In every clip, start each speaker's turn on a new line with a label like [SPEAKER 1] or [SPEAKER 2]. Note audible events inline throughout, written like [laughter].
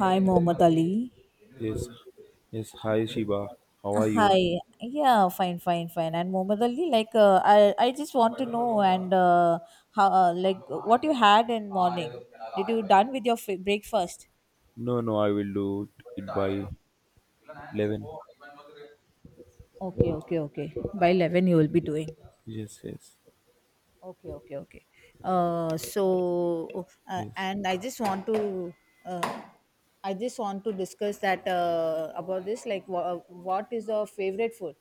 [SPEAKER 1] Hi, Muhammad Ali.
[SPEAKER 2] Yes, yes. Hi, Shiba. How are you?
[SPEAKER 1] Hi. Yeah, fine, fine, fine. And Muhammad Ali, like, I just want to know and how, like, what you had in morning. Did you done with your breakfast?
[SPEAKER 2] No, no. I will do it by 11.
[SPEAKER 1] Okay, okay, okay. By 11, you will be doing.
[SPEAKER 2] Yes, yes,
[SPEAKER 1] Okay, okay, okay.
[SPEAKER 2] yes.
[SPEAKER 1] And uh, I just want to discuss that about this. Like, what is your favorite food?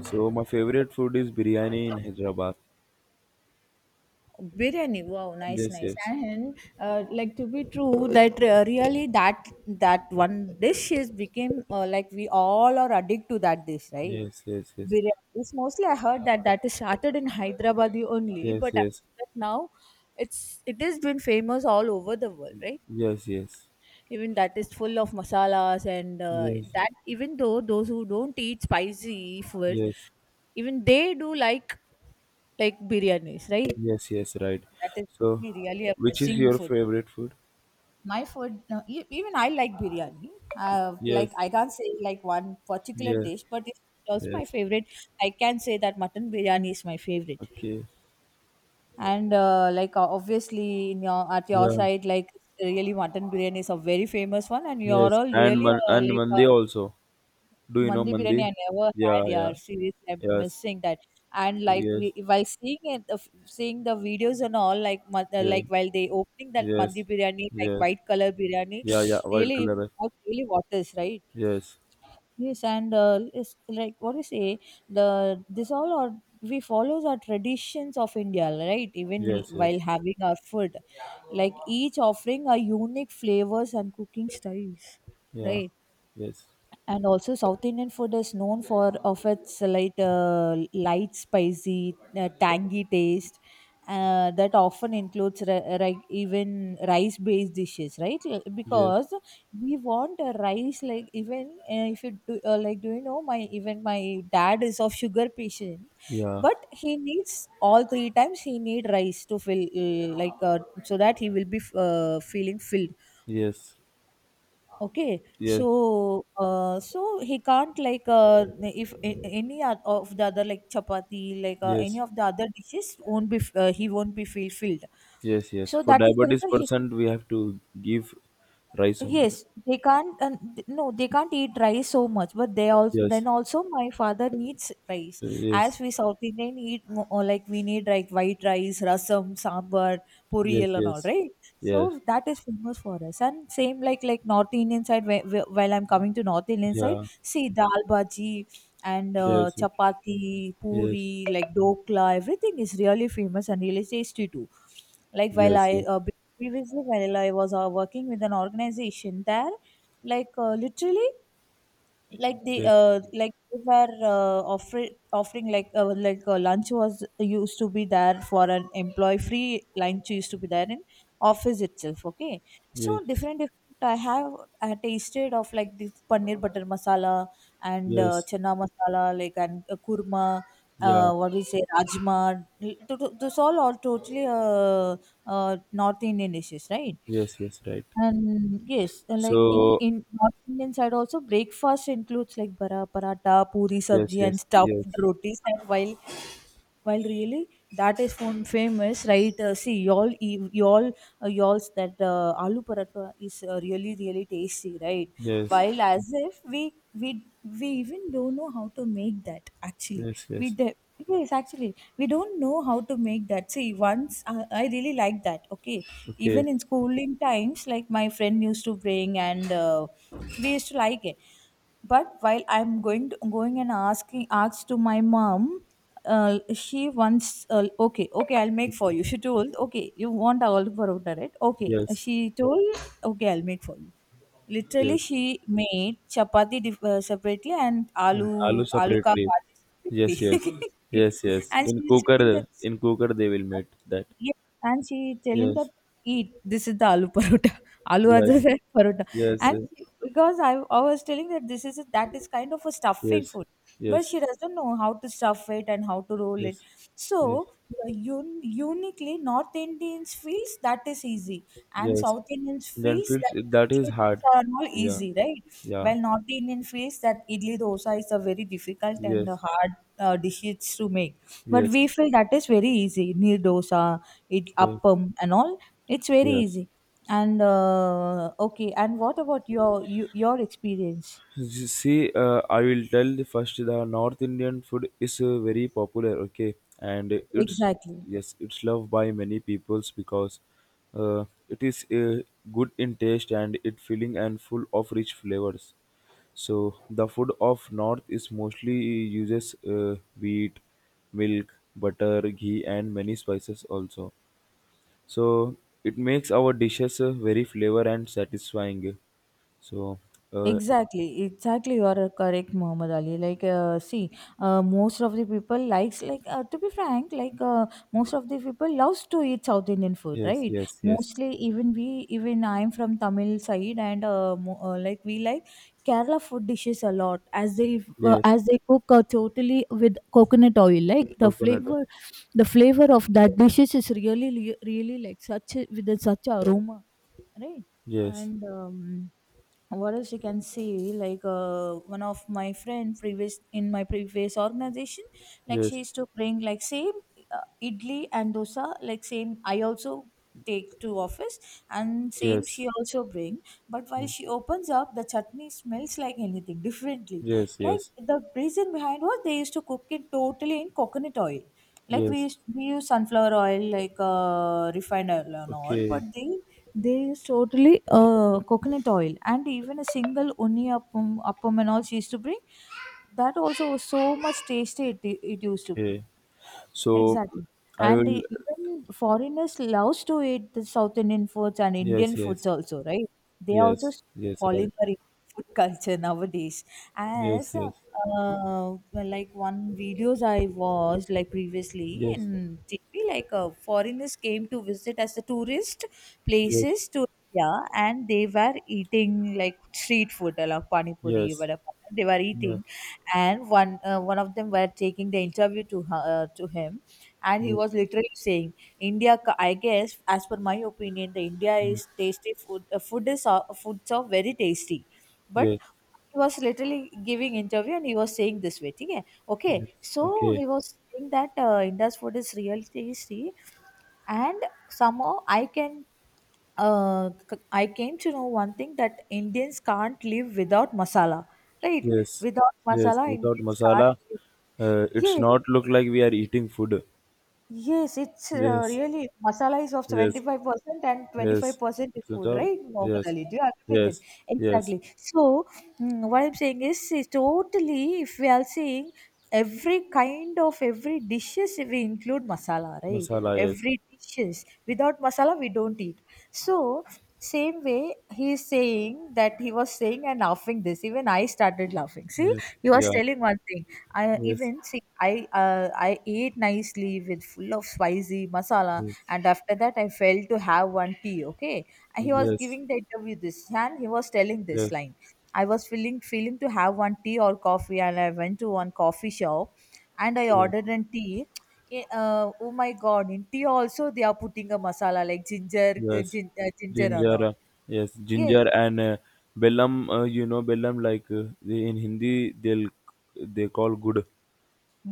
[SPEAKER 2] So my favorite food is biryani in Hyderabad.
[SPEAKER 1] Biryani, wow, nice,
[SPEAKER 2] Yes,
[SPEAKER 1] nice.
[SPEAKER 2] yes,
[SPEAKER 1] And like to be true that really that one dish is became like we all are addicted to that dish, right?
[SPEAKER 2] yes, yes, yes,
[SPEAKER 1] Biryani is mostly, I heard that that is started in Hyderabad only.
[SPEAKER 2] yes, yes,
[SPEAKER 1] But I
[SPEAKER 2] yes,
[SPEAKER 1] that now it has been famous all over the world, right?
[SPEAKER 2] yes,
[SPEAKER 1] Even that is full of masalas, and
[SPEAKER 2] yes,
[SPEAKER 1] that even though those who don't eat spicy food,
[SPEAKER 2] yes,
[SPEAKER 1] even they do like biryanis, right?
[SPEAKER 2] yes, yes. Right.
[SPEAKER 1] That is
[SPEAKER 2] So,
[SPEAKER 1] really, really a
[SPEAKER 2] which is
[SPEAKER 1] blessing
[SPEAKER 2] your
[SPEAKER 1] food.
[SPEAKER 2] favorite food?
[SPEAKER 1] My food, no, even I like biryani.
[SPEAKER 2] Yes,
[SPEAKER 1] Like I can't say like one particular
[SPEAKER 2] yes,
[SPEAKER 1] dish, but it's also my
[SPEAKER 2] yes.
[SPEAKER 1] favorite. I can say that mutton biryani is my favorite.
[SPEAKER 2] Okay.
[SPEAKER 1] And like Obviously, in your at your
[SPEAKER 2] Yeah.
[SPEAKER 1] side, like really mutton biryani is a very famous one, and you're
[SPEAKER 2] Yes.
[SPEAKER 1] all
[SPEAKER 2] And
[SPEAKER 1] really
[SPEAKER 2] man- and mandi also. Do you know
[SPEAKER 1] Mandi biryani
[SPEAKER 2] mandi?
[SPEAKER 1] I never had,
[SPEAKER 2] Yeah.
[SPEAKER 1] yeah.
[SPEAKER 2] Yeah.
[SPEAKER 1] Seriously, I'm
[SPEAKER 2] Yes.
[SPEAKER 1] missing that. And like we,
[SPEAKER 2] Yes.
[SPEAKER 1] while seeing it, seeing the videos and all, like
[SPEAKER 2] Yeah.
[SPEAKER 1] like while they opening that mandi
[SPEAKER 2] Yes.
[SPEAKER 1] biryani, like
[SPEAKER 2] Yes.
[SPEAKER 1] white color biryani,
[SPEAKER 2] Yeah. Yeah.
[SPEAKER 1] [sniffs]
[SPEAKER 2] White
[SPEAKER 1] really,
[SPEAKER 2] color.
[SPEAKER 1] really what is right?
[SPEAKER 2] Yes.
[SPEAKER 1] Yes, and it's like what do you say? The this all are we follows our traditions of India, right? Even
[SPEAKER 2] Yes.
[SPEAKER 1] while
[SPEAKER 2] Yes.
[SPEAKER 1] having our food, like each offering a unique flavors and cooking styles,
[SPEAKER 2] Yeah.
[SPEAKER 1] right?
[SPEAKER 2] Yes.
[SPEAKER 1] And also South Indian food is known for of its light light spicy tangy taste that often includes even rice based dishes, right?
[SPEAKER 2] Yes.
[SPEAKER 1] Because we want a rice, like even if you do like do you know my even my dad is of sugar patient,
[SPEAKER 2] Yeah.
[SPEAKER 1] but he needs all three times he need rice to fill so that he will be feeling filled.
[SPEAKER 2] Yes.
[SPEAKER 1] Okay,
[SPEAKER 2] Yes.
[SPEAKER 1] so he can't like if of the other like chapati like any
[SPEAKER 2] Yes.
[SPEAKER 1] of the other dishes won't be he won't be feel filled,
[SPEAKER 2] Yes. Yes.
[SPEAKER 1] so
[SPEAKER 2] For
[SPEAKER 1] that is the
[SPEAKER 2] diabetes
[SPEAKER 1] reason he.
[SPEAKER 2] percent, we have to give rice only.
[SPEAKER 1] Yes, they can't. No, they can't eat rice so much. But they also,
[SPEAKER 2] Yes.
[SPEAKER 1] then also my father needs rice.
[SPEAKER 2] Yes.
[SPEAKER 1] As we South Indian eat or like we need like white rice, rasam, sambar,
[SPEAKER 2] Yes.
[SPEAKER 1] puriyal, and all
[SPEAKER 2] Yes.
[SPEAKER 1] right.
[SPEAKER 2] Yes.
[SPEAKER 1] So that is famous for us. And same like North Indian side. Where, while I'm coming to North Indian side,
[SPEAKER 2] Yeah.
[SPEAKER 1] see dal bhaji and
[SPEAKER 2] Yes. Yes.
[SPEAKER 1] chapati,
[SPEAKER 2] Yes.
[SPEAKER 1] puri, like dokla, everything is really famous and really tasty too. Like while
[SPEAKER 2] Yes.
[SPEAKER 1] I Previously while I was working with an organization there, like literally, like they were offering like lunch was used to be there for an employee, free lunch used to be there in office itself. Okay, so
[SPEAKER 2] Yes. Yes.
[SPEAKER 1] different different. I have I tasted of like this paneer butter masala and
[SPEAKER 2] Yes.
[SPEAKER 1] chana masala and kurma.
[SPEAKER 2] Yeah.
[SPEAKER 1] What we say, rajma. This all are totally North Indian dishes, right?
[SPEAKER 2] Yes. Yes. Right.
[SPEAKER 1] And yes, like
[SPEAKER 2] So
[SPEAKER 1] in North Indian side also breakfast includes like bara paratha, puri
[SPEAKER 2] yes.
[SPEAKER 1] sabji and
[SPEAKER 2] Yes. Yes.
[SPEAKER 1] stuffed rotis. And while really that is famous, right? See, y'all y'all's that aloo paratha is really really tasty, right?
[SPEAKER 2] Yes.
[SPEAKER 1] While as if we even don't know how to make that actually.
[SPEAKER 2] Yes.
[SPEAKER 1] We
[SPEAKER 2] Yes.
[SPEAKER 1] de- Yes, actually, we don't know how to make that. See, once I really like that. Okay, even
[SPEAKER 2] Okay.
[SPEAKER 1] in schooling times, like my friend used to bring, and we used to like it. But while I'm going and asking asked to my mom, she wants okay, okay, I'll make for you. She told okay, you want all parotta, right? Okay,
[SPEAKER 2] Yes,
[SPEAKER 1] she told okay, I'll make for you. Literally,
[SPEAKER 2] yes.
[SPEAKER 1] she made chapati separately and
[SPEAKER 2] Mm, aloo
[SPEAKER 1] aloo ka
[SPEAKER 2] separately.
[SPEAKER 1] bhaji
[SPEAKER 2] Yes, yes.
[SPEAKER 1] separately. [laughs] [laughs]
[SPEAKER 2] Yes, yes.
[SPEAKER 1] And
[SPEAKER 2] In
[SPEAKER 1] she is telling that,
[SPEAKER 2] cooker, in cooker they will make that.
[SPEAKER 1] yeah, and she is telling that
[SPEAKER 2] Yes,
[SPEAKER 1] eat. This is the aloo parota, [laughs] aloo other
[SPEAKER 2] yes,
[SPEAKER 1] than [laughs] parota.
[SPEAKER 2] yes, eh,
[SPEAKER 1] Because I was telling that that is kind of a stuffing
[SPEAKER 2] yes,
[SPEAKER 1] food, but
[SPEAKER 2] yes,
[SPEAKER 1] she doesn't know how to stuff it and how to roll it.
[SPEAKER 2] yes, yes,
[SPEAKER 1] So the uniquely North Indians feels that is easy and
[SPEAKER 2] yes.
[SPEAKER 1] South Indians
[SPEAKER 2] Then
[SPEAKER 1] feels
[SPEAKER 2] feels
[SPEAKER 1] that
[SPEAKER 2] that is
[SPEAKER 1] idli
[SPEAKER 2] hard.
[SPEAKER 1] dosa are not
[SPEAKER 2] Yeah,
[SPEAKER 1] easy, right?
[SPEAKER 2] yeah.
[SPEAKER 1] While North Indian feels that idli dosa is a very difficult and a
[SPEAKER 2] Yes,
[SPEAKER 1] hard dishes to make, but we
[SPEAKER 2] yes,
[SPEAKER 1] feel that is very easy. Neer dosa, it
[SPEAKER 2] yes,
[SPEAKER 1] appam and all, it's very
[SPEAKER 2] yes.
[SPEAKER 1] easy. And okay, and what about you, your experience?
[SPEAKER 2] You see, I will tell the first the North Indian food is very popular, okay, and it's
[SPEAKER 1] Exactly.
[SPEAKER 2] yes, it's loved by many peoples because it is good in taste and it filling and full of rich flavors. So the food of North is mostly uses wheat, milk, butter, ghee, and many spices also. So it makes our dishes very flavor and satisfying. So uh,
[SPEAKER 1] Exactly, exactly. You are correct, Muhammad Ali. Like, see, most of the people likes like to be frank, like most of the people loves to eat South Indian food,
[SPEAKER 2] yes,
[SPEAKER 1] right?
[SPEAKER 2] yes, yes.
[SPEAKER 1] Mostly, even I'm from Tamil side, and like we like Kerala food dishes a lot,
[SPEAKER 2] Yes,
[SPEAKER 1] as they cook totally with coconut oil. Like
[SPEAKER 2] coconut oil.
[SPEAKER 1] the flavor of that dishes is really, really really like such a, with a, such aroma, right?
[SPEAKER 2] Yes,
[SPEAKER 1] And what else you can see, like one of my friend previous in my previous organization, like she
[SPEAKER 2] yes,
[SPEAKER 1] used to bring like same idli and dosa, like same I also take to office and same
[SPEAKER 2] yes,
[SPEAKER 1] she also bring, but while
[SPEAKER 2] yes,
[SPEAKER 1] she opens up the chutney smells like anything [laughs] differently.
[SPEAKER 2] yes,
[SPEAKER 1] Like
[SPEAKER 2] yes,
[SPEAKER 1] the reason behind was they used to cook it totally in coconut oil. Like
[SPEAKER 2] yes.
[SPEAKER 1] we use sunflower oil like refined oil and all, but
[SPEAKER 2] Okay,
[SPEAKER 1] they use totally coconut oil, and even a single uni appam and all she used to bring. That also was so much tasty it, it used to be.
[SPEAKER 2] okay. So
[SPEAKER 1] Exactly.
[SPEAKER 2] I
[SPEAKER 1] And
[SPEAKER 2] will.
[SPEAKER 1] they, even foreigners loves to eat the South Indian foods and Indian
[SPEAKER 2] Yes,
[SPEAKER 1] foods
[SPEAKER 2] yes,
[SPEAKER 1] also, right? They are also
[SPEAKER 2] yes, yes. Right.
[SPEAKER 1] following our food [laughs] culture nowadays.
[SPEAKER 2] Yes,
[SPEAKER 1] As
[SPEAKER 2] yes,
[SPEAKER 1] Well, like one videos I watched like previously
[SPEAKER 2] yes,
[SPEAKER 1] in TV, like foreigners came to visit as the tourist
[SPEAKER 2] yes, yes,
[SPEAKER 1] places to India, and they were eating like street food, like pani puri,
[SPEAKER 2] yes,
[SPEAKER 1] vada pav. They were
[SPEAKER 2] yes,
[SPEAKER 1] eating, and one of them were taking the interview to her, to him, and he was literally saying, I guess as per my opinion the India
[SPEAKER 2] mm,
[SPEAKER 1] is tasty food, food is foods are very tasty. But
[SPEAKER 2] yes,
[SPEAKER 1] he was literally giving interview and he was saying this way, okay, okay.
[SPEAKER 2] yes.
[SPEAKER 1] So
[SPEAKER 2] Okay.
[SPEAKER 1] he was saying that India's food is really tasty, and somehow I came to know one thing that Indians can't live without masala, right?
[SPEAKER 2] Yes,
[SPEAKER 1] Without
[SPEAKER 2] yes.
[SPEAKER 1] masala,
[SPEAKER 2] Without
[SPEAKER 1] Indians can't
[SPEAKER 2] masala,
[SPEAKER 1] live.
[SPEAKER 2] it's
[SPEAKER 1] Yes,
[SPEAKER 2] not look like we are eating food.
[SPEAKER 1] yes, it's
[SPEAKER 2] Yes,
[SPEAKER 1] really masala is of
[SPEAKER 2] yes,
[SPEAKER 1] 75% and
[SPEAKER 2] yes.
[SPEAKER 1] 25% is
[SPEAKER 2] It's not-
[SPEAKER 1] food,
[SPEAKER 2] a-
[SPEAKER 1] right?
[SPEAKER 2] Yes,
[SPEAKER 1] Normally, do you agree with it?
[SPEAKER 2] yes, yes.
[SPEAKER 1] Exactly. So, mm, what I'm saying is totally if we are saying every kind of every dishes we include masala, right?
[SPEAKER 2] Masala. Yes.
[SPEAKER 1] Every dishes without masala we don't eat. So, same way he is saying that he was saying and laughing this. Even I started laughing. See,
[SPEAKER 2] Yes,
[SPEAKER 1] he was
[SPEAKER 2] yeah,
[SPEAKER 1] telling one thing. I
[SPEAKER 2] yes,
[SPEAKER 1] even see I ate nicely with full of spicy masala
[SPEAKER 2] yes,
[SPEAKER 1] and after that I failed to have one tea, okay, and
[SPEAKER 2] oh,
[SPEAKER 1] he was
[SPEAKER 2] yes,
[SPEAKER 1] giving the interview this and he was telling this
[SPEAKER 2] yes,
[SPEAKER 1] line. I was feeling to have one tea or coffee and I went to one coffee shop and I
[SPEAKER 2] yeah,
[SPEAKER 1] ordered a tea. Oh my god, in tea also they are putting a masala like ginger
[SPEAKER 2] yes,
[SPEAKER 1] ginger and
[SPEAKER 2] ginger,
[SPEAKER 1] all.
[SPEAKER 2] uh, yes,
[SPEAKER 1] Yes,
[SPEAKER 2] ginger and bellam, you know, bellam like they, in Hindi they'll they call good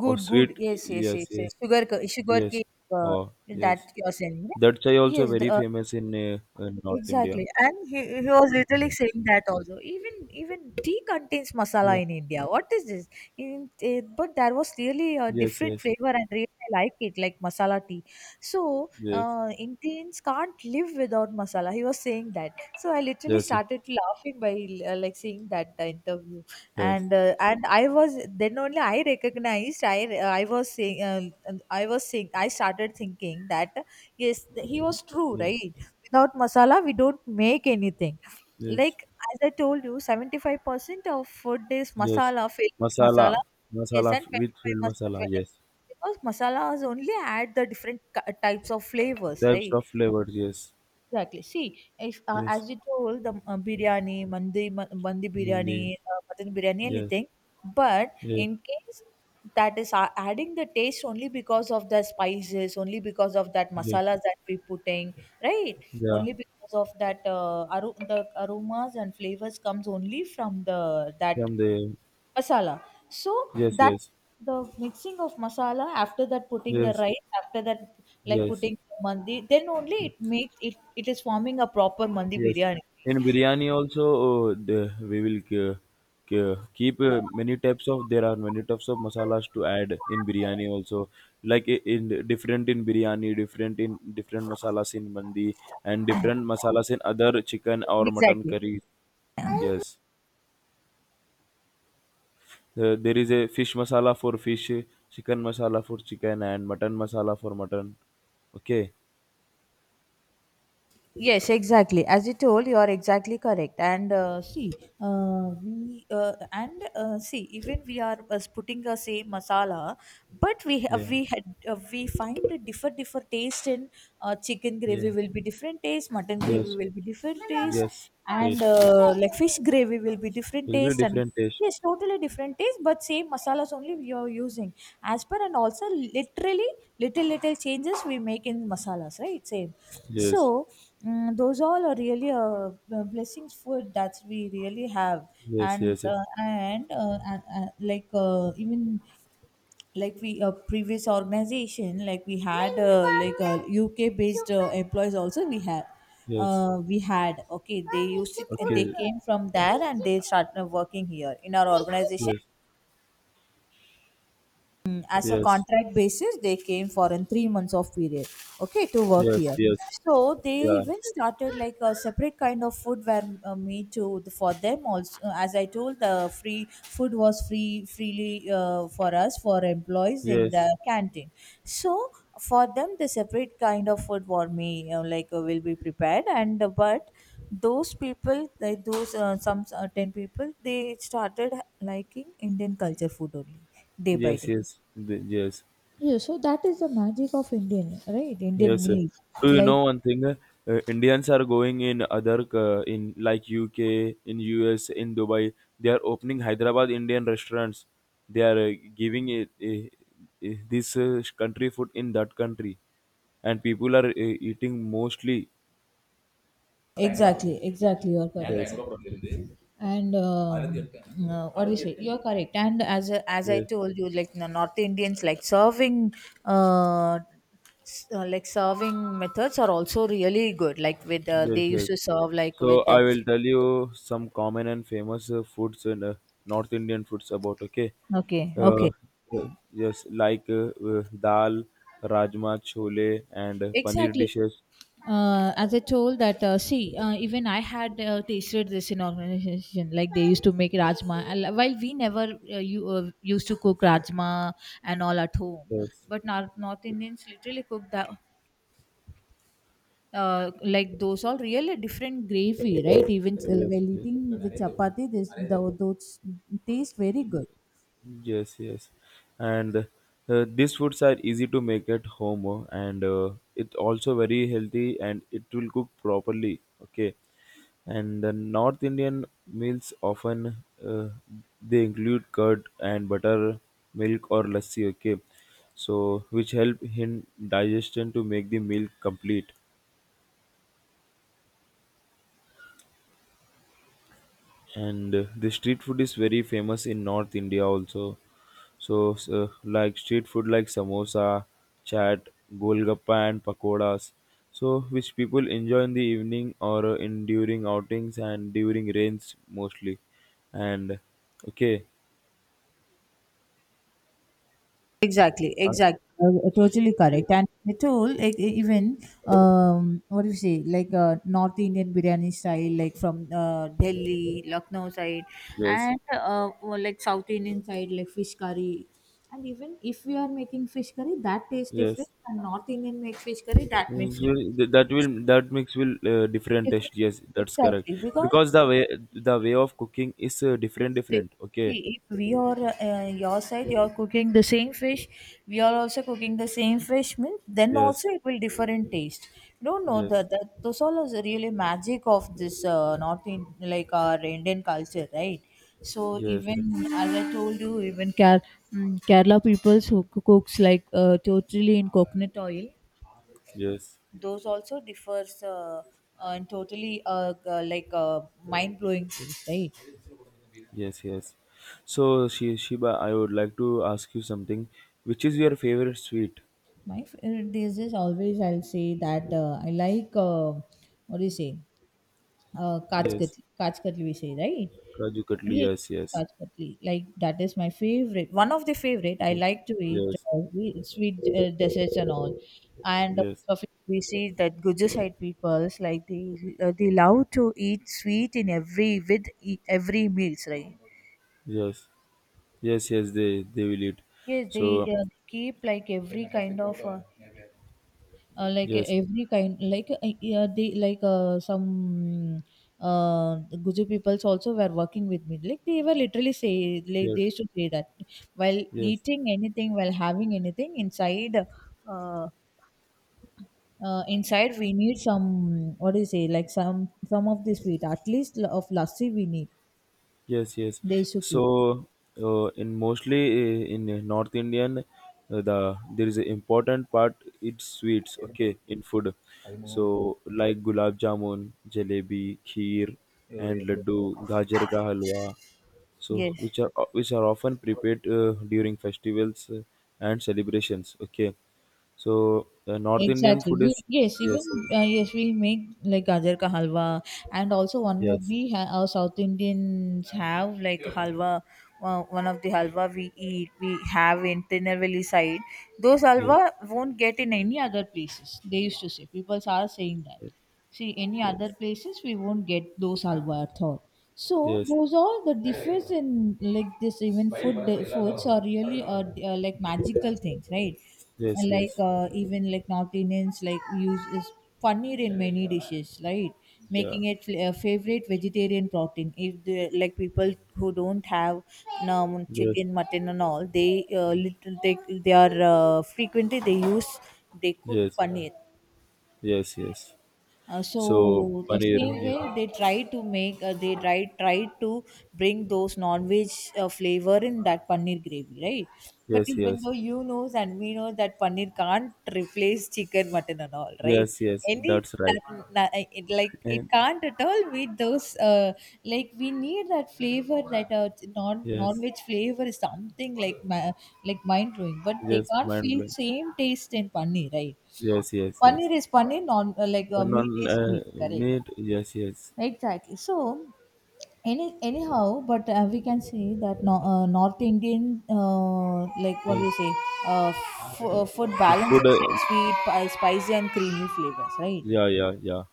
[SPEAKER 2] or
[SPEAKER 1] good
[SPEAKER 2] sweet.
[SPEAKER 1] good, yes yes
[SPEAKER 2] Yes,
[SPEAKER 1] yes, yes.
[SPEAKER 2] yes,
[SPEAKER 1] Sugar
[SPEAKER 2] yes,
[SPEAKER 1] cake, uh,
[SPEAKER 2] oh yes,
[SPEAKER 1] that you're selling, right?
[SPEAKER 2] that chai also
[SPEAKER 1] Yes, the,
[SPEAKER 2] very famous in North India.
[SPEAKER 1] exactly, and he was literally saying that also. Even even tea contains masala in India. What is this? But there was really a
[SPEAKER 2] Yes,
[SPEAKER 1] different
[SPEAKER 2] yes,
[SPEAKER 1] flavor, and really I like it, like masala tea. So
[SPEAKER 2] yes,
[SPEAKER 1] Indians can't live without masala. He was saying that. So I literally
[SPEAKER 2] yes, yes,
[SPEAKER 1] started laughing by like seeing that interview,
[SPEAKER 2] yes,
[SPEAKER 1] and and I was then only I recognized. I was saying I was saying I started thinking that yes, he was true,
[SPEAKER 2] yes,
[SPEAKER 1] right? Without masala we don't make anything,
[SPEAKER 2] yes,
[SPEAKER 1] like as I told you, 75% of food is
[SPEAKER 2] yes.
[SPEAKER 1] masala, filled of
[SPEAKER 2] Masala,
[SPEAKER 1] masala. Yes, and
[SPEAKER 2] with
[SPEAKER 1] 25
[SPEAKER 2] filled
[SPEAKER 1] must,
[SPEAKER 2] masala. Yes,
[SPEAKER 1] because masalas only add the different types of flavors,
[SPEAKER 2] types
[SPEAKER 1] right?
[SPEAKER 2] of flavors, yes,
[SPEAKER 1] Exactly. See, if,
[SPEAKER 2] yes,
[SPEAKER 1] as you told, the biryani, mandi, mandi
[SPEAKER 2] bundi,
[SPEAKER 1] biryani, mutton biryani,
[SPEAKER 2] yes,
[SPEAKER 1] anything. But
[SPEAKER 2] yes,
[SPEAKER 1] in case that is adding the taste only because of the spices, only because of that
[SPEAKER 2] yes,
[SPEAKER 1] masalas that we putting, right?
[SPEAKER 2] yeah,
[SPEAKER 1] Only because of that the aromas and flavors comes only from the that
[SPEAKER 2] from the,
[SPEAKER 1] masala. So
[SPEAKER 2] yes,
[SPEAKER 1] that
[SPEAKER 2] yes,
[SPEAKER 1] the mixing of masala after that putting the
[SPEAKER 2] yes,
[SPEAKER 1] rice after that like
[SPEAKER 2] yes,
[SPEAKER 1] putting the mandi then only it makes it it is forming a proper mandi
[SPEAKER 2] yes.
[SPEAKER 1] biryani.
[SPEAKER 2] In biryani also, we will keep many types of, there are many types of masalas to add in biryani also. Different in biryani, different in different masalas in mandi, and different masalas in other chicken or mutton
[SPEAKER 1] Exactly.
[SPEAKER 2] curry. Yes. There is a fish masala for fish, chicken masala for chicken, and mutton masala for mutton. Okay.
[SPEAKER 1] Yes, exactly. As you told, you are exactly correct. And see, we and see, even we are putting the same masala, but
[SPEAKER 2] Yeah,
[SPEAKER 1] we find a different different taste in chicken gravy
[SPEAKER 2] yeah,
[SPEAKER 1] will be different taste, mutton gravy
[SPEAKER 2] yes,
[SPEAKER 1] will be different taste,
[SPEAKER 2] yes,
[SPEAKER 1] and
[SPEAKER 2] taste. Yes.
[SPEAKER 1] uh, like fish gravy will be different
[SPEAKER 2] Will be
[SPEAKER 1] taste, and
[SPEAKER 2] different taste.
[SPEAKER 1] yes, totally different taste, but same masalas only we are using. As per and also literally little little changes we make in masalas right same
[SPEAKER 2] Yes.
[SPEAKER 1] so those all are really blessings food that we really have
[SPEAKER 2] Yes,
[SPEAKER 1] and
[SPEAKER 2] yes,
[SPEAKER 1] like even like we a previous organization like we had like a UK based employees also we had.
[SPEAKER 2] yes.
[SPEAKER 1] Okay, they used to they
[SPEAKER 2] Okay,
[SPEAKER 1] came from there and they started working here in our organization.
[SPEAKER 2] yes,
[SPEAKER 1] Mm, as a
[SPEAKER 2] yes,
[SPEAKER 1] contract basis they came for in 3 months of period, okay, to work
[SPEAKER 2] yes,
[SPEAKER 1] here.
[SPEAKER 2] yes.
[SPEAKER 1] So they
[SPEAKER 2] Yeah,
[SPEAKER 1] even started like a separate kind of food where me too for them also as I told the free food was free freely for us for employees in the
[SPEAKER 2] yes,
[SPEAKER 1] canteen. So for them the separate kind of food for me like will be prepared and but those people like those some 10 people they started liking Indian culture food only, day by
[SPEAKER 2] yes,
[SPEAKER 1] day.
[SPEAKER 2] yes. The, yes.
[SPEAKER 1] Yeah, so that is the magic of Indian, right? Indian
[SPEAKER 2] Yes, sir.
[SPEAKER 1] meals.
[SPEAKER 2] Do you
[SPEAKER 1] Like,
[SPEAKER 2] know one thing? Indians are going in other in like UK, in US, in Dubai. They are opening Hyderabad Indian restaurants. They are giving it, this country food in that country, and people are eating mostly.
[SPEAKER 1] exactly, exactly, you're correct.
[SPEAKER 2] Yes,
[SPEAKER 1] And what do you say? You're correct. And as I
[SPEAKER 2] yes,
[SPEAKER 1] told you, like the North Indians, like serving, uh, like serving methods are also really good. Like with they
[SPEAKER 2] yes,
[SPEAKER 1] used
[SPEAKER 2] yes.
[SPEAKER 1] to serve like
[SPEAKER 2] So
[SPEAKER 1] with
[SPEAKER 2] I will tell you some common and famous foods in North Indian foods about. Okay.
[SPEAKER 1] okay, okay.
[SPEAKER 2] Yes, like dal, rajma, chole, and paneer
[SPEAKER 1] Exactly.
[SPEAKER 2] dishes.
[SPEAKER 1] As I told that see even I had tasted this in organization like they used to make rajma. While we never you used to cook rajma and all at home,
[SPEAKER 2] Yes,
[SPEAKER 1] but North, North Indians literally cook that. Like those all really different gravy, right?
[SPEAKER 2] yes,
[SPEAKER 1] While
[SPEAKER 2] yes,
[SPEAKER 1] eating the chapati, those taste very good.
[SPEAKER 2] yes, yes. And these foods are easy to make at home, and it also very healthy, and it will cook properly. Okay, and the North Indian meals often uh, they include curd and butter, milk or lassi. Okay, so which help in digestion to make the meal complete and the street food is very famous in North India also. So, so like street food like samosa, chaat, golgappa and pakodas, so which people enjoy in the evening or in during outings and during rains mostly. And okay,
[SPEAKER 1] Exactly,
[SPEAKER 2] uh,
[SPEAKER 1] exactly. Totally correct.
[SPEAKER 2] yes,
[SPEAKER 1] And at all, like even what do you say, like North Indian biryani style, like from Delhi, Lucknow side,
[SPEAKER 2] yes,
[SPEAKER 1] and well, like South Indian side, like fish curry. And even if we are making fish curry, that tastes different,
[SPEAKER 2] yes.
[SPEAKER 1] and North Indian make fish curry, that
[SPEAKER 2] Mm,
[SPEAKER 1] makes
[SPEAKER 2] so
[SPEAKER 1] it
[SPEAKER 2] that will that mix will different
[SPEAKER 1] different.
[SPEAKER 2] taste, yes, that's correct
[SPEAKER 1] Exactly, because
[SPEAKER 2] because the way of cooking is different
[SPEAKER 1] It's di-
[SPEAKER 2] different, okay,
[SPEAKER 1] see, if we are your side, you are cooking the same fish, we are also cooking the same fish meal, then also
[SPEAKER 2] yes,
[SPEAKER 1] it will differ in taste. You don't know
[SPEAKER 2] yes.
[SPEAKER 1] that, that those all is really magic of this North in, like our Indian culture, right? So
[SPEAKER 2] Yes, re-
[SPEAKER 1] even as I told you, Kerala people who cooks like totally in coconut oil,
[SPEAKER 2] yes,
[SPEAKER 1] those also differs in totally like mind blowing taste, right?
[SPEAKER 2] yes, yes. So, Shiba, I would like to ask you something. Which is your favorite sweet?
[SPEAKER 1] My favorite dishes always I'll say that I like what do you say,
[SPEAKER 2] Yes,
[SPEAKER 1] kachkatli, kachkatli we say, right?
[SPEAKER 2] Kaju Katli.
[SPEAKER 1] Yes,
[SPEAKER 2] Yes, yes,
[SPEAKER 1] kachkatli, like that is my favorite, one of the favorite I
[SPEAKER 2] yes,
[SPEAKER 1] like to eat.
[SPEAKER 2] yes,
[SPEAKER 1] Sweet desserts and all, and
[SPEAKER 2] yes,
[SPEAKER 1] of it we see that Gujarat peoples like they love to eat sweet in every with every meals, right?
[SPEAKER 2] yes, yes, yes, they will eat.
[SPEAKER 1] Yes
[SPEAKER 2] So,
[SPEAKER 1] they keep like every kind of uh, like
[SPEAKER 2] yes,
[SPEAKER 1] every kind, like yeah, they like some the Guju peoples also were working with me. Like they were literally say, like they
[SPEAKER 2] yes,
[SPEAKER 1] used to say that while
[SPEAKER 2] yes.
[SPEAKER 1] eating anything, while having anything inside, uh, inside we need some, what do you say, like some of the sweet, at least of lassi we need.
[SPEAKER 2] Yes, yes.
[SPEAKER 1] They used to give.
[SPEAKER 2] So, in mostly in North Indian, the there is an important part. It's sweets, okay, in food. So, like gulab jamun, jalebi, kheer, and laddu, gajar ka halwa. So,
[SPEAKER 1] Yes.
[SPEAKER 2] which are often prepared during festivals and celebrations. Okay, so North Indian
[SPEAKER 1] Exactly.
[SPEAKER 2] food
[SPEAKER 1] We,
[SPEAKER 2] is
[SPEAKER 1] yes, even
[SPEAKER 2] yes, yes,
[SPEAKER 1] yes, we make like gajar ka halwa, and also one more
[SPEAKER 2] yes,
[SPEAKER 1] our South Indians have like halwa. One of the halwa we eat, we have in Tirunelveli side. Those
[SPEAKER 2] yes,
[SPEAKER 1] halwa won't get in any other places. They used to say, people are saying that. See, any other
[SPEAKER 2] yes,
[SPEAKER 1] places we won't get those halwa at all. So
[SPEAKER 2] yes,
[SPEAKER 1] those all the difference in like this even food, foods are really like magical things, right?
[SPEAKER 2] yes, yes,
[SPEAKER 1] And like
[SPEAKER 2] yes,
[SPEAKER 1] even like North Indians like use is paneer in many dishes, right?
[SPEAKER 2] yeah,
[SPEAKER 1] Making it a favorite vegetarian protein. If the like people who don't have
[SPEAKER 2] yes,
[SPEAKER 1] chicken, mutton, and all, they little they are frequently they use, they cook
[SPEAKER 2] yes.
[SPEAKER 1] paneer.
[SPEAKER 2] Yes, yes.
[SPEAKER 1] Uh, so
[SPEAKER 2] So
[SPEAKER 1] the
[SPEAKER 2] paneer,
[SPEAKER 1] same way
[SPEAKER 2] yeah.
[SPEAKER 1] they try to make they try to bring those non-veg flavor in that paneer gravy, right? But
[SPEAKER 2] Yes,
[SPEAKER 1] even
[SPEAKER 2] yes.
[SPEAKER 1] though you knows and we know that paneer can't replace chicken, mutton, and all, right?
[SPEAKER 2] Yes, yes.
[SPEAKER 1] Any
[SPEAKER 2] That's right.
[SPEAKER 1] na- na- eh, It, like it
[SPEAKER 2] And
[SPEAKER 1] can't at all with those like we need that flavor, that non,
[SPEAKER 2] yes,
[SPEAKER 1] non-veg flavor is something like like mind blowing, but they
[SPEAKER 2] yes,
[SPEAKER 1] can't
[SPEAKER 2] mind
[SPEAKER 1] feel
[SPEAKER 2] blowing.
[SPEAKER 1] same taste in paneer, right?
[SPEAKER 2] Yes, yes, yes.
[SPEAKER 1] Paneer is paneer, non like
[SPEAKER 2] And
[SPEAKER 1] meat
[SPEAKER 2] on
[SPEAKER 1] is meat, correct?
[SPEAKER 2] meat, yes, yes,
[SPEAKER 1] Exactly. So, any anyhow, but we can see that no, North Indian, like what do you
[SPEAKER 2] yes.
[SPEAKER 1] say, food
[SPEAKER 2] F- food,
[SPEAKER 1] balances like sweet, spicy, and creamy flavors, right?
[SPEAKER 2] yeah, yeah, yeah.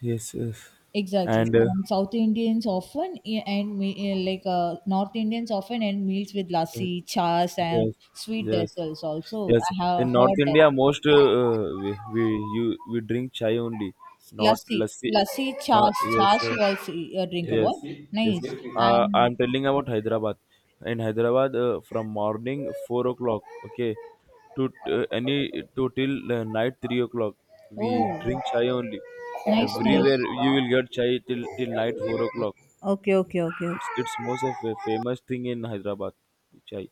[SPEAKER 2] Yes, yes.
[SPEAKER 1] Exactly.
[SPEAKER 2] And
[SPEAKER 1] South Indians often like North Indians often end meals with lassi, chas, and
[SPEAKER 2] yes,
[SPEAKER 1] sweet
[SPEAKER 2] yes,
[SPEAKER 1] desserts. Also,
[SPEAKER 2] yes.
[SPEAKER 1] I have
[SPEAKER 2] In North
[SPEAKER 1] heard that.
[SPEAKER 2] India, most we you we drink chai only, not
[SPEAKER 1] Lassi,
[SPEAKER 2] lassi.
[SPEAKER 1] lassi,
[SPEAKER 2] Not
[SPEAKER 1] chas,
[SPEAKER 2] yes,
[SPEAKER 1] chas you also drink about.
[SPEAKER 2] yes, yes.
[SPEAKER 1] Nice. And
[SPEAKER 2] I'm telling about Hyderabad. In Hyderabad, from morning 4 o'clock, okay, to any to till night 3 o'clock, we
[SPEAKER 1] oh,
[SPEAKER 2] drink chai only.
[SPEAKER 1] nice, nice.
[SPEAKER 2] Everywhere you will get chai till till night 4 o'clock.
[SPEAKER 1] Okay, okay, okay.
[SPEAKER 2] It's most of a famous thing in Hyderabad, chai.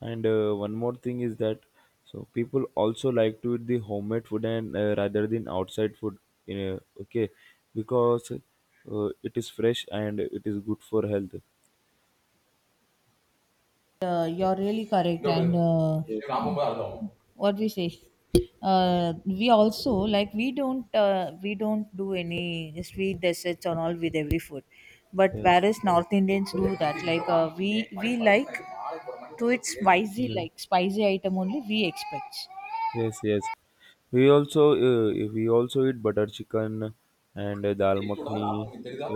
[SPEAKER 2] And one more thing is that so people also like to eat the homemade food and rather than outside food. Okay, because it is fresh and it is good for health.
[SPEAKER 1] You're really correct. And
[SPEAKER 2] Yes.
[SPEAKER 1] what we say? We also like, we don't do any sweet desserts and all with every food, but
[SPEAKER 2] Yes.
[SPEAKER 1] whereas North Indians do that. Like we like to it spicy,
[SPEAKER 2] Yeah.
[SPEAKER 1] like spicy item only we expect.
[SPEAKER 2] Yes, yes. We also eat butter chicken and dal makhani,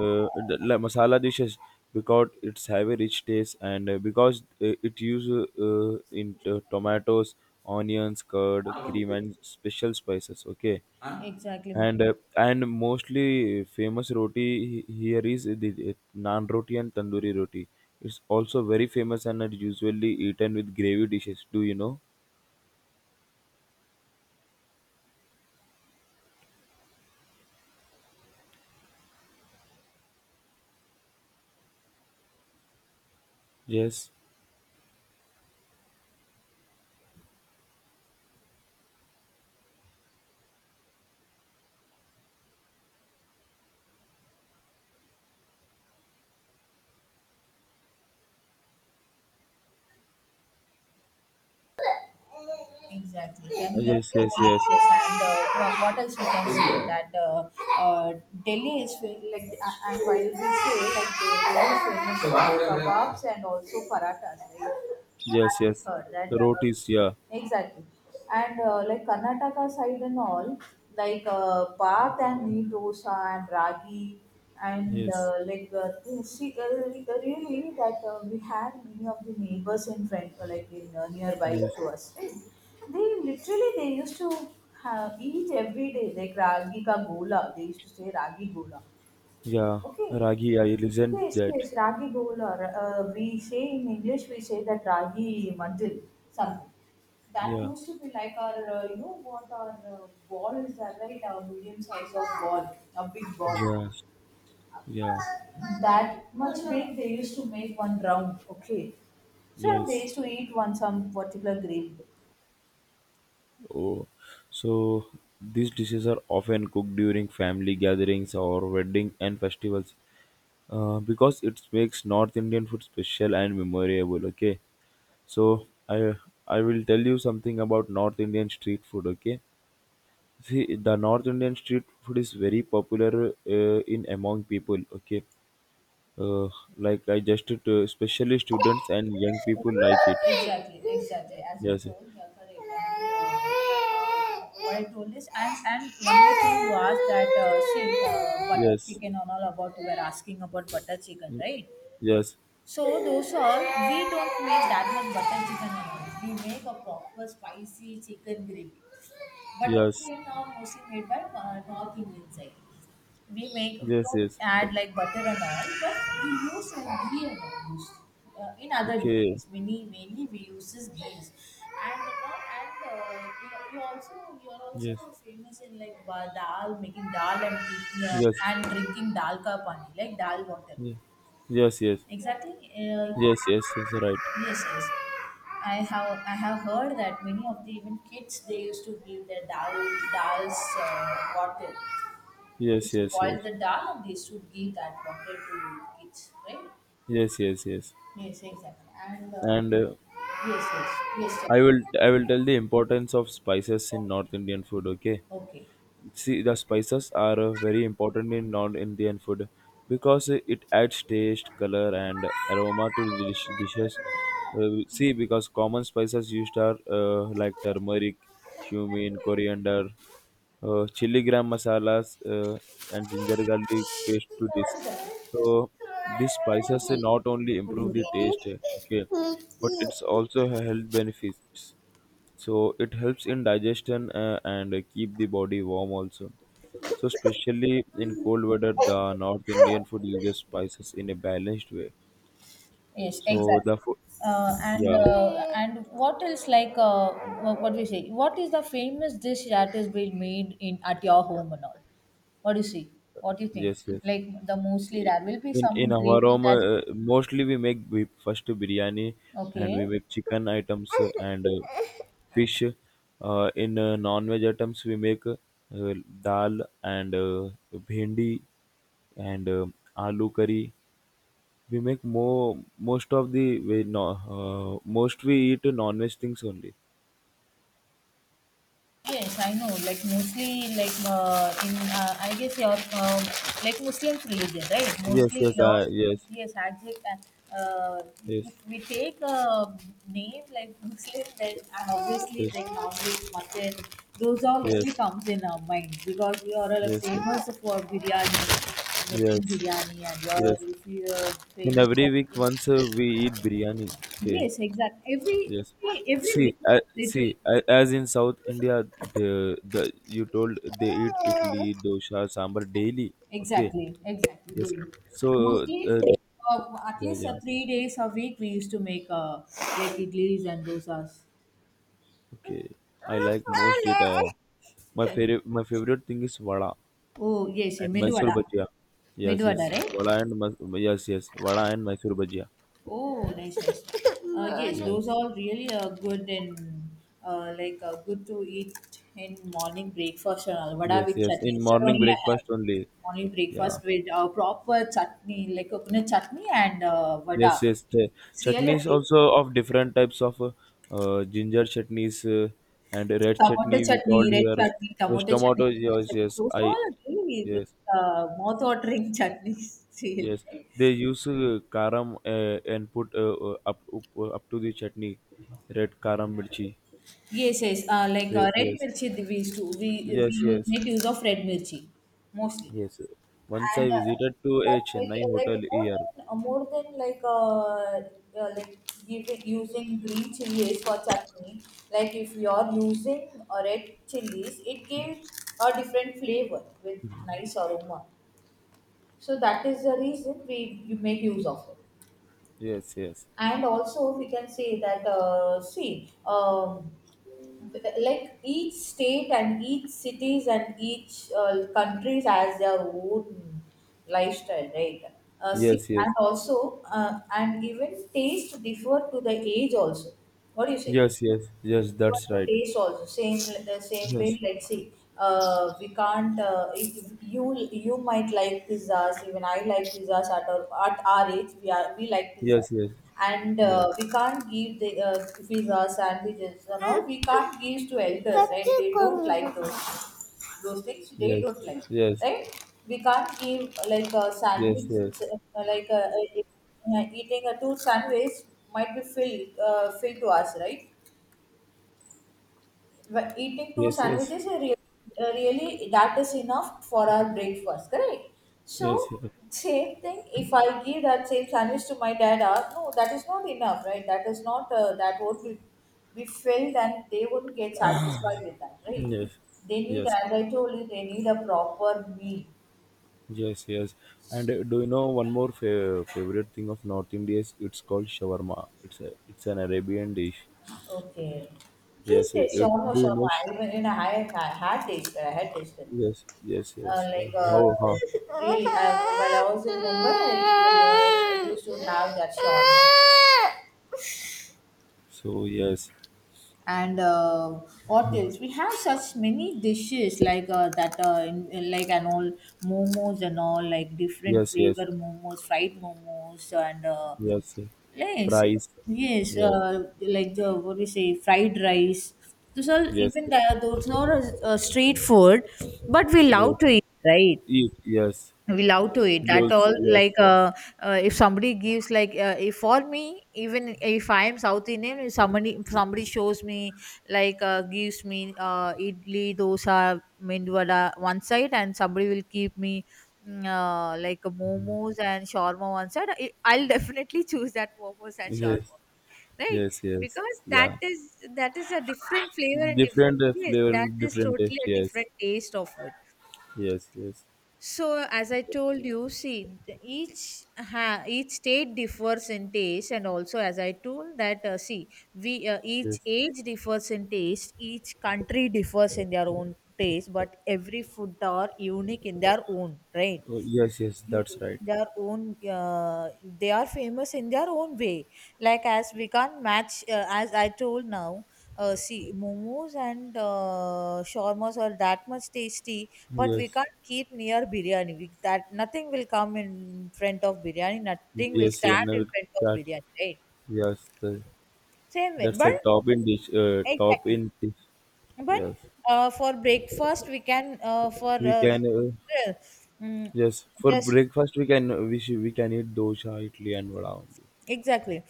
[SPEAKER 2] masala dishes because it's have a rich taste and because it uses tomatoes, onions, curd, cream, and special spices. Okay,
[SPEAKER 1] Exactly.
[SPEAKER 2] and mostly famous roti here is the naan roti and tandoori roti. It's also very famous and are usually eaten with gravy dishes. Do you know? Yes,
[SPEAKER 1] Exactly. Can you,
[SPEAKER 2] yes, yes, yes.
[SPEAKER 1] yes, and what else we can say that uh, Delhi is like and while we say like they are famous for kebabs and also parathas, right?
[SPEAKER 2] Yes,
[SPEAKER 1] I
[SPEAKER 2] yes.
[SPEAKER 1] heard that
[SPEAKER 2] Rotis, yeah.
[SPEAKER 1] exactly, and like Karnataka side and all, like bath and needosa and ragi and
[SPEAKER 2] Yes,
[SPEAKER 1] like see really that we had many of the neighbors in front like in nearby
[SPEAKER 2] yes.
[SPEAKER 1] to us, right? They literally they used to have, eat every day like ragi ka gola, they used to say ragi gola,
[SPEAKER 2] Yeah.
[SPEAKER 1] okay.
[SPEAKER 2] Ragi, I listened
[SPEAKER 1] Yes,
[SPEAKER 2] that.
[SPEAKER 1] yes, ragi gola. We say in English, we say that ragi madil something, that
[SPEAKER 2] Yeah.
[SPEAKER 1] used to be like our you know what, our balls are right, our medium size of ball, a big ball,
[SPEAKER 2] Yes. Yeah.
[SPEAKER 1] that much big they used to make one round, okay. So and they
[SPEAKER 2] Yes.
[SPEAKER 1] used to eat one some particular grape.
[SPEAKER 2] Oh. So these dishes are often cooked during family gatherings or wedding and festivals. Because it makes North Indian food special and memorable, okay? So I I will tell you something about North Indian street food, okay? See, the North Indian street food is very popular in among people, okay? uh, like I just to especially students and young people like it.
[SPEAKER 1] Exactly, exactly. As you
[SPEAKER 2] Yes,
[SPEAKER 1] told, you're correct. And, what I told is, and one more thing you asked that butter
[SPEAKER 2] yes,
[SPEAKER 1] chicken and all about, you were asking about butter chicken, right?
[SPEAKER 2] yes,
[SPEAKER 1] So dosa, we don't make that much butter chicken and all. We make a proper spicy chicken gravy. Butter
[SPEAKER 2] yes,
[SPEAKER 1] chicken are mostly made by North Indian side. We make, we
[SPEAKER 2] yes,
[SPEAKER 1] don't
[SPEAKER 2] yes.
[SPEAKER 1] add like butter and all, but we use some ghee and all use, in other
[SPEAKER 2] Okay,
[SPEAKER 1] dishes. Many mainly we use this ghee. And you, you also, you are
[SPEAKER 2] yes,
[SPEAKER 1] also famous in like dal, making dal
[SPEAKER 2] yes,
[SPEAKER 1] and drinking dal ka pani, like dal water.
[SPEAKER 2] yes, yes,
[SPEAKER 1] Exactly.
[SPEAKER 2] yes, yes, yes, yes. Right.
[SPEAKER 1] Yes, yes. I have, I have heard that many of the even kids they used to give their dal, dal's water. They
[SPEAKER 2] Yes, yes,
[SPEAKER 1] spoil
[SPEAKER 2] yes,
[SPEAKER 1] the dal and they used to give that water to kids, right?
[SPEAKER 2] yes, yes, yes.
[SPEAKER 1] Yes, exactly. And
[SPEAKER 2] And
[SPEAKER 1] yes, yes, yes, sir.
[SPEAKER 2] I will tell the importance of spices in
[SPEAKER 1] Okay,
[SPEAKER 2] North Indian food. Okay.
[SPEAKER 1] okay.
[SPEAKER 2] See, the spices are very important in non-Indian food because it adds taste, color, and aroma to the dishes. See, because common spices used are like turmeric, cumin, coriander, chili gram masalas,
[SPEAKER 1] So
[SPEAKER 2] and ginger garlic paste to this.
[SPEAKER 1] what is
[SPEAKER 2] So these spices not only improve the taste, okay, but it's
[SPEAKER 1] that?
[SPEAKER 2] also health benefits. So it helps in digestion and keep the body warm also. So especially in cold weather,
[SPEAKER 1] Okay.
[SPEAKER 2] the North Indian food uses spices in a balanced way.
[SPEAKER 1] Yes,
[SPEAKER 2] So
[SPEAKER 1] exactly.
[SPEAKER 2] the food,
[SPEAKER 1] And
[SPEAKER 2] yeah,
[SPEAKER 1] what else like what do you say? What is the famous dish that is being made in at your home and all? What do you see? What do you think?
[SPEAKER 2] yes, yes.
[SPEAKER 1] Like the mostly there will be
[SPEAKER 2] In
[SPEAKER 1] some
[SPEAKER 2] our
[SPEAKER 1] gravy
[SPEAKER 2] home,
[SPEAKER 1] that
[SPEAKER 2] mostly we make we first biryani and
[SPEAKER 1] okay.
[SPEAKER 2] we make chicken items and fish. In non-veg items, we make dal and bhindi and aloo curry. We make more most of the we no, most we eat non-veg things only.
[SPEAKER 1] Yes, I know. Like mostly, like in I guess your like Muslims religion, right?
[SPEAKER 2] Yes,
[SPEAKER 1] Mostly,
[SPEAKER 2] yes,
[SPEAKER 1] all
[SPEAKER 2] yes,
[SPEAKER 1] yes, exact. Uh, uh,
[SPEAKER 2] yes,
[SPEAKER 1] if we take a name like Muslim, then obviously,
[SPEAKER 2] yes,
[SPEAKER 1] like normally, mutton, those all
[SPEAKER 2] yes,
[SPEAKER 1] only comes in our mind because we are all
[SPEAKER 2] yes, yes,
[SPEAKER 1] famous for biryani, making
[SPEAKER 2] yes,
[SPEAKER 1] biryani, and you are
[SPEAKER 2] yes.
[SPEAKER 1] if you are
[SPEAKER 2] In
[SPEAKER 1] famous
[SPEAKER 2] every
[SPEAKER 1] for
[SPEAKER 2] week, once we eat biryani. Okay,
[SPEAKER 1] yes, exactly. Every
[SPEAKER 2] yes.
[SPEAKER 1] every every
[SPEAKER 2] See,
[SPEAKER 1] literally
[SPEAKER 2] as in South India, the you told they eat idli, dosa, sambar daily. Okay,
[SPEAKER 1] exactly, exactly.
[SPEAKER 2] yes. So, uh,
[SPEAKER 1] Mostly,
[SPEAKER 2] uh,
[SPEAKER 1] at
[SPEAKER 2] yeah,
[SPEAKER 1] least
[SPEAKER 2] yeah.
[SPEAKER 1] 3 days a week, we used to make like idlis and dosas.
[SPEAKER 2] Okay, I like most it.
[SPEAKER 1] Eh,
[SPEAKER 2] My favorite thing is vada
[SPEAKER 1] Oh, yes, yeah,
[SPEAKER 2] and
[SPEAKER 1] medu
[SPEAKER 2] Mysore
[SPEAKER 1] vada.
[SPEAKER 2] bhajia.
[SPEAKER 1] Medu
[SPEAKER 2] Yes,
[SPEAKER 1] vada,
[SPEAKER 2] yes.
[SPEAKER 1] right?
[SPEAKER 2] Yes, yes. Vada and Mysore bhajia.
[SPEAKER 1] Oh, nice, nice. [laughs] Yes, those
[SPEAKER 2] Yes,
[SPEAKER 1] are really good and like good to eat in morning breakfast and all. Vada
[SPEAKER 2] yes,
[SPEAKER 1] with
[SPEAKER 2] yes.
[SPEAKER 1] chutney.
[SPEAKER 2] In
[SPEAKER 1] Instead
[SPEAKER 2] morning
[SPEAKER 1] only I have
[SPEAKER 2] breakfast only.
[SPEAKER 1] morning
[SPEAKER 2] Yeah.
[SPEAKER 1] breakfast with proper chutney, like coconut chutney and vada.
[SPEAKER 2] Yes, yes. The
[SPEAKER 1] It's really a
[SPEAKER 2] chutneys
[SPEAKER 1] tasty
[SPEAKER 2] also
[SPEAKER 1] thing.
[SPEAKER 2] of different types of ginger chutneys and
[SPEAKER 1] So,
[SPEAKER 2] red
[SPEAKER 1] tomato
[SPEAKER 2] chutney we
[SPEAKER 1] chutney,
[SPEAKER 2] called
[SPEAKER 1] red
[SPEAKER 2] here.
[SPEAKER 1] chutney,
[SPEAKER 2] Yes,
[SPEAKER 1] tomato chutney,
[SPEAKER 2] tomato.
[SPEAKER 1] ginger
[SPEAKER 2] Yes,
[SPEAKER 1] chutney.
[SPEAKER 2] yes.
[SPEAKER 1] Those all
[SPEAKER 2] I
[SPEAKER 1] are really
[SPEAKER 2] yes,
[SPEAKER 1] mouth-watering [laughs] chutneys. Really.
[SPEAKER 2] yes. They use karam and put up to the chutney, red karam mirchi.
[SPEAKER 1] Yes, yes. Like
[SPEAKER 2] Yes,
[SPEAKER 1] red
[SPEAKER 2] yes,
[SPEAKER 1] mirchi, we used to we
[SPEAKER 2] yes,
[SPEAKER 1] use,
[SPEAKER 2] yes,
[SPEAKER 1] make use of red mirchi mostly,
[SPEAKER 2] yes. Once I
[SPEAKER 1] and
[SPEAKER 2] visited to a
[SPEAKER 1] like make
[SPEAKER 2] Chennai hotel
[SPEAKER 1] like
[SPEAKER 2] here.
[SPEAKER 1] more than like uh like giving using green chilies for chutney, like if you are using red chilies, it gives a different flavor with nice aroma, so that is the reason we you make use of it.
[SPEAKER 2] Yes, yes,
[SPEAKER 1] And also we can say that see like each state and each cities and each countries has their own lifestyle, right? See,
[SPEAKER 2] yes, yes,
[SPEAKER 1] and also and even taste differ to the age also, what do you say,
[SPEAKER 2] yes, yes, yes.
[SPEAKER 1] for
[SPEAKER 2] That's
[SPEAKER 1] to
[SPEAKER 2] right.
[SPEAKER 1] taste also same the same way,
[SPEAKER 2] Yes,
[SPEAKER 1] let's see, we can't if you, you might like pizzas, even I like pizzas, at our age we are we like pizza,
[SPEAKER 2] yes, yes,
[SPEAKER 1] and
[SPEAKER 2] yes.
[SPEAKER 1] we can't give the pizza sandwiches, you know, we can't give to elders, right? They don't like those things they
[SPEAKER 2] Yes,
[SPEAKER 1] don't like,
[SPEAKER 2] yes,
[SPEAKER 1] right? We can't give like a
[SPEAKER 2] yes,
[SPEAKER 1] sandwich
[SPEAKER 2] yes,
[SPEAKER 1] like eating a two sandwich might be filled filled to us, right? But eating two
[SPEAKER 2] yes, yes,
[SPEAKER 1] sandwiches are really, really, that is enough for our breakfast, correct? So
[SPEAKER 2] yes,
[SPEAKER 1] same thing. If I give that same sandwich to my dad, ah, no, that is not enough, right? That is not that won't be filled, and they would not get satisfied with that,
[SPEAKER 2] yes,
[SPEAKER 1] right?
[SPEAKER 2] yes,
[SPEAKER 1] They need,
[SPEAKER 2] yes,
[SPEAKER 1] as I told you, they need a proper meal.
[SPEAKER 2] yes, yes. And do you know one more favorite thing of North India, is it's called shawarma. It's a it's an Arabian dish.
[SPEAKER 1] Okay. Yes,
[SPEAKER 2] Yes,
[SPEAKER 1] yes, shawarma,
[SPEAKER 2] do you know?
[SPEAKER 1] shawarma. I Even in I had tasted, I had tasted.
[SPEAKER 2] Yes, yes, yes.
[SPEAKER 1] Like
[SPEAKER 2] How how?
[SPEAKER 1] really, well, I also remember I used to have that shop.
[SPEAKER 2] So yes,
[SPEAKER 1] And what else? We have such many dishes like that, in like and all, momos and all, like different
[SPEAKER 2] yes, yes,
[SPEAKER 1] flavor momos, fried momos, and
[SPEAKER 2] yes.
[SPEAKER 1] yes,
[SPEAKER 2] Fries.
[SPEAKER 1] yes,
[SPEAKER 2] Yes,
[SPEAKER 1] like the what we say, fried rice. Those are
[SPEAKER 2] yes,
[SPEAKER 1] even
[SPEAKER 2] yes,
[SPEAKER 1] the, those are street food, but we love
[SPEAKER 2] yes.
[SPEAKER 1] to eat, right?
[SPEAKER 2] Eat. Yes,
[SPEAKER 1] Will out to
[SPEAKER 2] yes.
[SPEAKER 1] it that
[SPEAKER 2] Noodles.
[SPEAKER 1] all
[SPEAKER 2] Yes,
[SPEAKER 1] like if somebody gives like if for me, even if I am South Indian, if somebody, if somebody shows me like gives me idli dosa mindwada one side and somebody will keep me like momos and shawarma one side, I'll definitely [laughs] choose that momos and
[SPEAKER 2] yes,
[SPEAKER 1] shawarma only, right?
[SPEAKER 2] yes, yes.
[SPEAKER 1] Because that
[SPEAKER 2] Yeah.
[SPEAKER 1] is, that is a different flavor and different,
[SPEAKER 2] Different
[SPEAKER 1] yes,
[SPEAKER 2] flavor
[SPEAKER 1] that
[SPEAKER 2] and
[SPEAKER 1] is
[SPEAKER 2] different
[SPEAKER 1] totally
[SPEAKER 2] taste,
[SPEAKER 1] a
[SPEAKER 2] yes,
[SPEAKER 1] different taste of food.
[SPEAKER 2] yes, yes,
[SPEAKER 1] So, as I told you, see, each ha, each state differs in taste, and also as I told that, see, we each
[SPEAKER 2] yes,
[SPEAKER 1] age differs in taste, each country differs in their own taste, but every food are unique in their own, right?
[SPEAKER 2] oh, yes, yes,
[SPEAKER 1] You
[SPEAKER 2] that's right,
[SPEAKER 1] in their own, they are famous in their own way, like as we can't match as I told now, see momos and shawarmas are that much tasty, but we
[SPEAKER 2] yes,
[SPEAKER 1] can't keep near biryani, we, that nothing will come in front of biryani, nothing will
[SPEAKER 2] yes, yeah,
[SPEAKER 1] stand
[SPEAKER 2] no,
[SPEAKER 1] in front of
[SPEAKER 2] that,
[SPEAKER 1] biryani, right?
[SPEAKER 2] yes, the,
[SPEAKER 1] Same way,
[SPEAKER 2] that's
[SPEAKER 1] but
[SPEAKER 2] a top in dish, uh, top
[SPEAKER 1] exactly,
[SPEAKER 2] in dish
[SPEAKER 1] but
[SPEAKER 2] Yes,
[SPEAKER 1] for breakfast we can
[SPEAKER 2] we can,
[SPEAKER 1] uh, mm,
[SPEAKER 2] yes, for
[SPEAKER 1] just
[SPEAKER 2] breakfast we can, we should, we can eat dosha, idli and vada only,
[SPEAKER 1] exactly.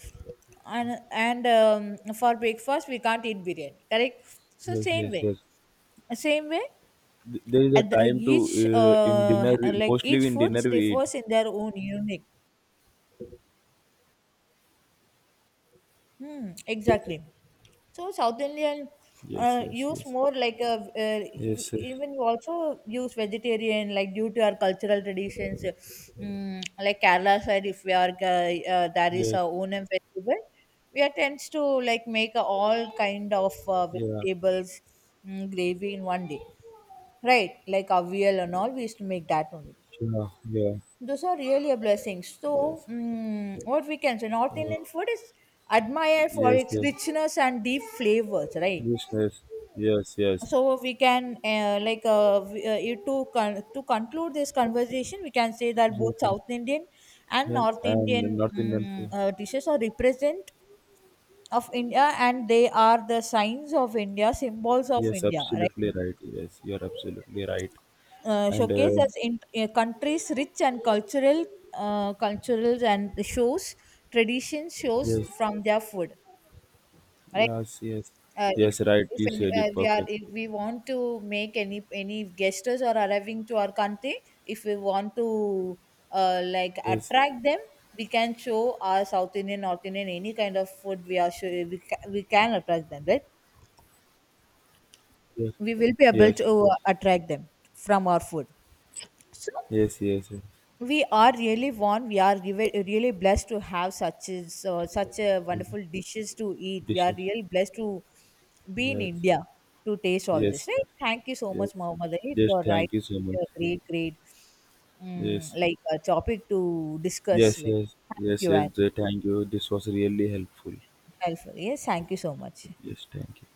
[SPEAKER 1] And for breakfast we can't eat biryani, correct? So
[SPEAKER 2] yes,
[SPEAKER 1] same
[SPEAKER 2] yes,
[SPEAKER 1] way,
[SPEAKER 2] yes.
[SPEAKER 1] same way.
[SPEAKER 2] There is a
[SPEAKER 1] At the,
[SPEAKER 2] time to
[SPEAKER 1] each
[SPEAKER 2] in dinner we
[SPEAKER 1] like
[SPEAKER 2] mostly
[SPEAKER 1] each
[SPEAKER 2] in dinner
[SPEAKER 1] foods
[SPEAKER 2] we eat,
[SPEAKER 1] differs in their own unique. Hmm, exactly. So South Indian
[SPEAKER 2] yes, yes,
[SPEAKER 1] use
[SPEAKER 2] yes,
[SPEAKER 1] more like a
[SPEAKER 2] yes, yes,
[SPEAKER 1] even you also use vegetarian like due to our cultural traditions. Mm, like Kerala side, if we are there is a
[SPEAKER 2] yes,
[SPEAKER 1] Onam festival, we are tends to like make a all kind of
[SPEAKER 2] yeah,
[SPEAKER 1] vegetables gravy in one day, right? Like avial and all, we used to make that only.
[SPEAKER 2] yeah, yeah,
[SPEAKER 1] Those are really a blessing. So,
[SPEAKER 2] yes.
[SPEAKER 1] what we can say, North
[SPEAKER 2] Uh,
[SPEAKER 1] Indian food is admired for
[SPEAKER 2] yes,
[SPEAKER 1] its
[SPEAKER 2] yes,
[SPEAKER 1] richness and deep flavors, right?
[SPEAKER 2] listeners. Yes, yes,
[SPEAKER 1] So we can like to conclude this conversation, we can say that both
[SPEAKER 2] exactly,
[SPEAKER 1] South Indian and North
[SPEAKER 2] and
[SPEAKER 1] Indian
[SPEAKER 2] North Indian food.
[SPEAKER 1] dishes are represent of India, and they are the signs of India, symbols of
[SPEAKER 2] Yes,
[SPEAKER 1] India, right?
[SPEAKER 2] absolutely right. Yes, you are absolutely right. And
[SPEAKER 1] Showcase as in countries rich and cultural culturals and the shows, tradition shows
[SPEAKER 2] yes,
[SPEAKER 1] from their food, right?
[SPEAKER 2] yes, yes,
[SPEAKER 1] uh, if
[SPEAKER 2] yes, right.
[SPEAKER 1] if
[SPEAKER 2] You
[SPEAKER 1] any,
[SPEAKER 2] said it
[SPEAKER 1] we are, if
[SPEAKER 2] perfectly.
[SPEAKER 1] we want to make any guests are arriving to our country, if we want to like
[SPEAKER 2] Yes,
[SPEAKER 1] attract them, we can show our South Indian, North Indian, any kind of food, we are sure we, we can attract them, right?
[SPEAKER 2] yes,
[SPEAKER 1] We will be able
[SPEAKER 2] yes,
[SPEAKER 1] to attract them from our food. So
[SPEAKER 2] yes, yes, yes.
[SPEAKER 1] we are really warm, we are really blessed to have such as such a
[SPEAKER 2] Mm,
[SPEAKER 1] wonderful dishes to eat. We are
[SPEAKER 2] dishes.
[SPEAKER 1] really blessed to be in
[SPEAKER 2] Yes,
[SPEAKER 1] India to taste all this,
[SPEAKER 2] yes,
[SPEAKER 1] right? Thank you so
[SPEAKER 2] yes.
[SPEAKER 1] much, Mohammed Ali,
[SPEAKER 2] Yes,
[SPEAKER 1] for, right,
[SPEAKER 2] thank you so much.
[SPEAKER 1] a great great
[SPEAKER 2] Yes,
[SPEAKER 1] like a topic to discuss
[SPEAKER 2] yes,
[SPEAKER 1] with.
[SPEAKER 2] yes,
[SPEAKER 1] Thank
[SPEAKER 2] yes,
[SPEAKER 1] you,
[SPEAKER 2] yes.
[SPEAKER 1] and
[SPEAKER 2] Thank you. This was really helpful.
[SPEAKER 1] helpful, yes, thank you so much.
[SPEAKER 2] Yes, thank you.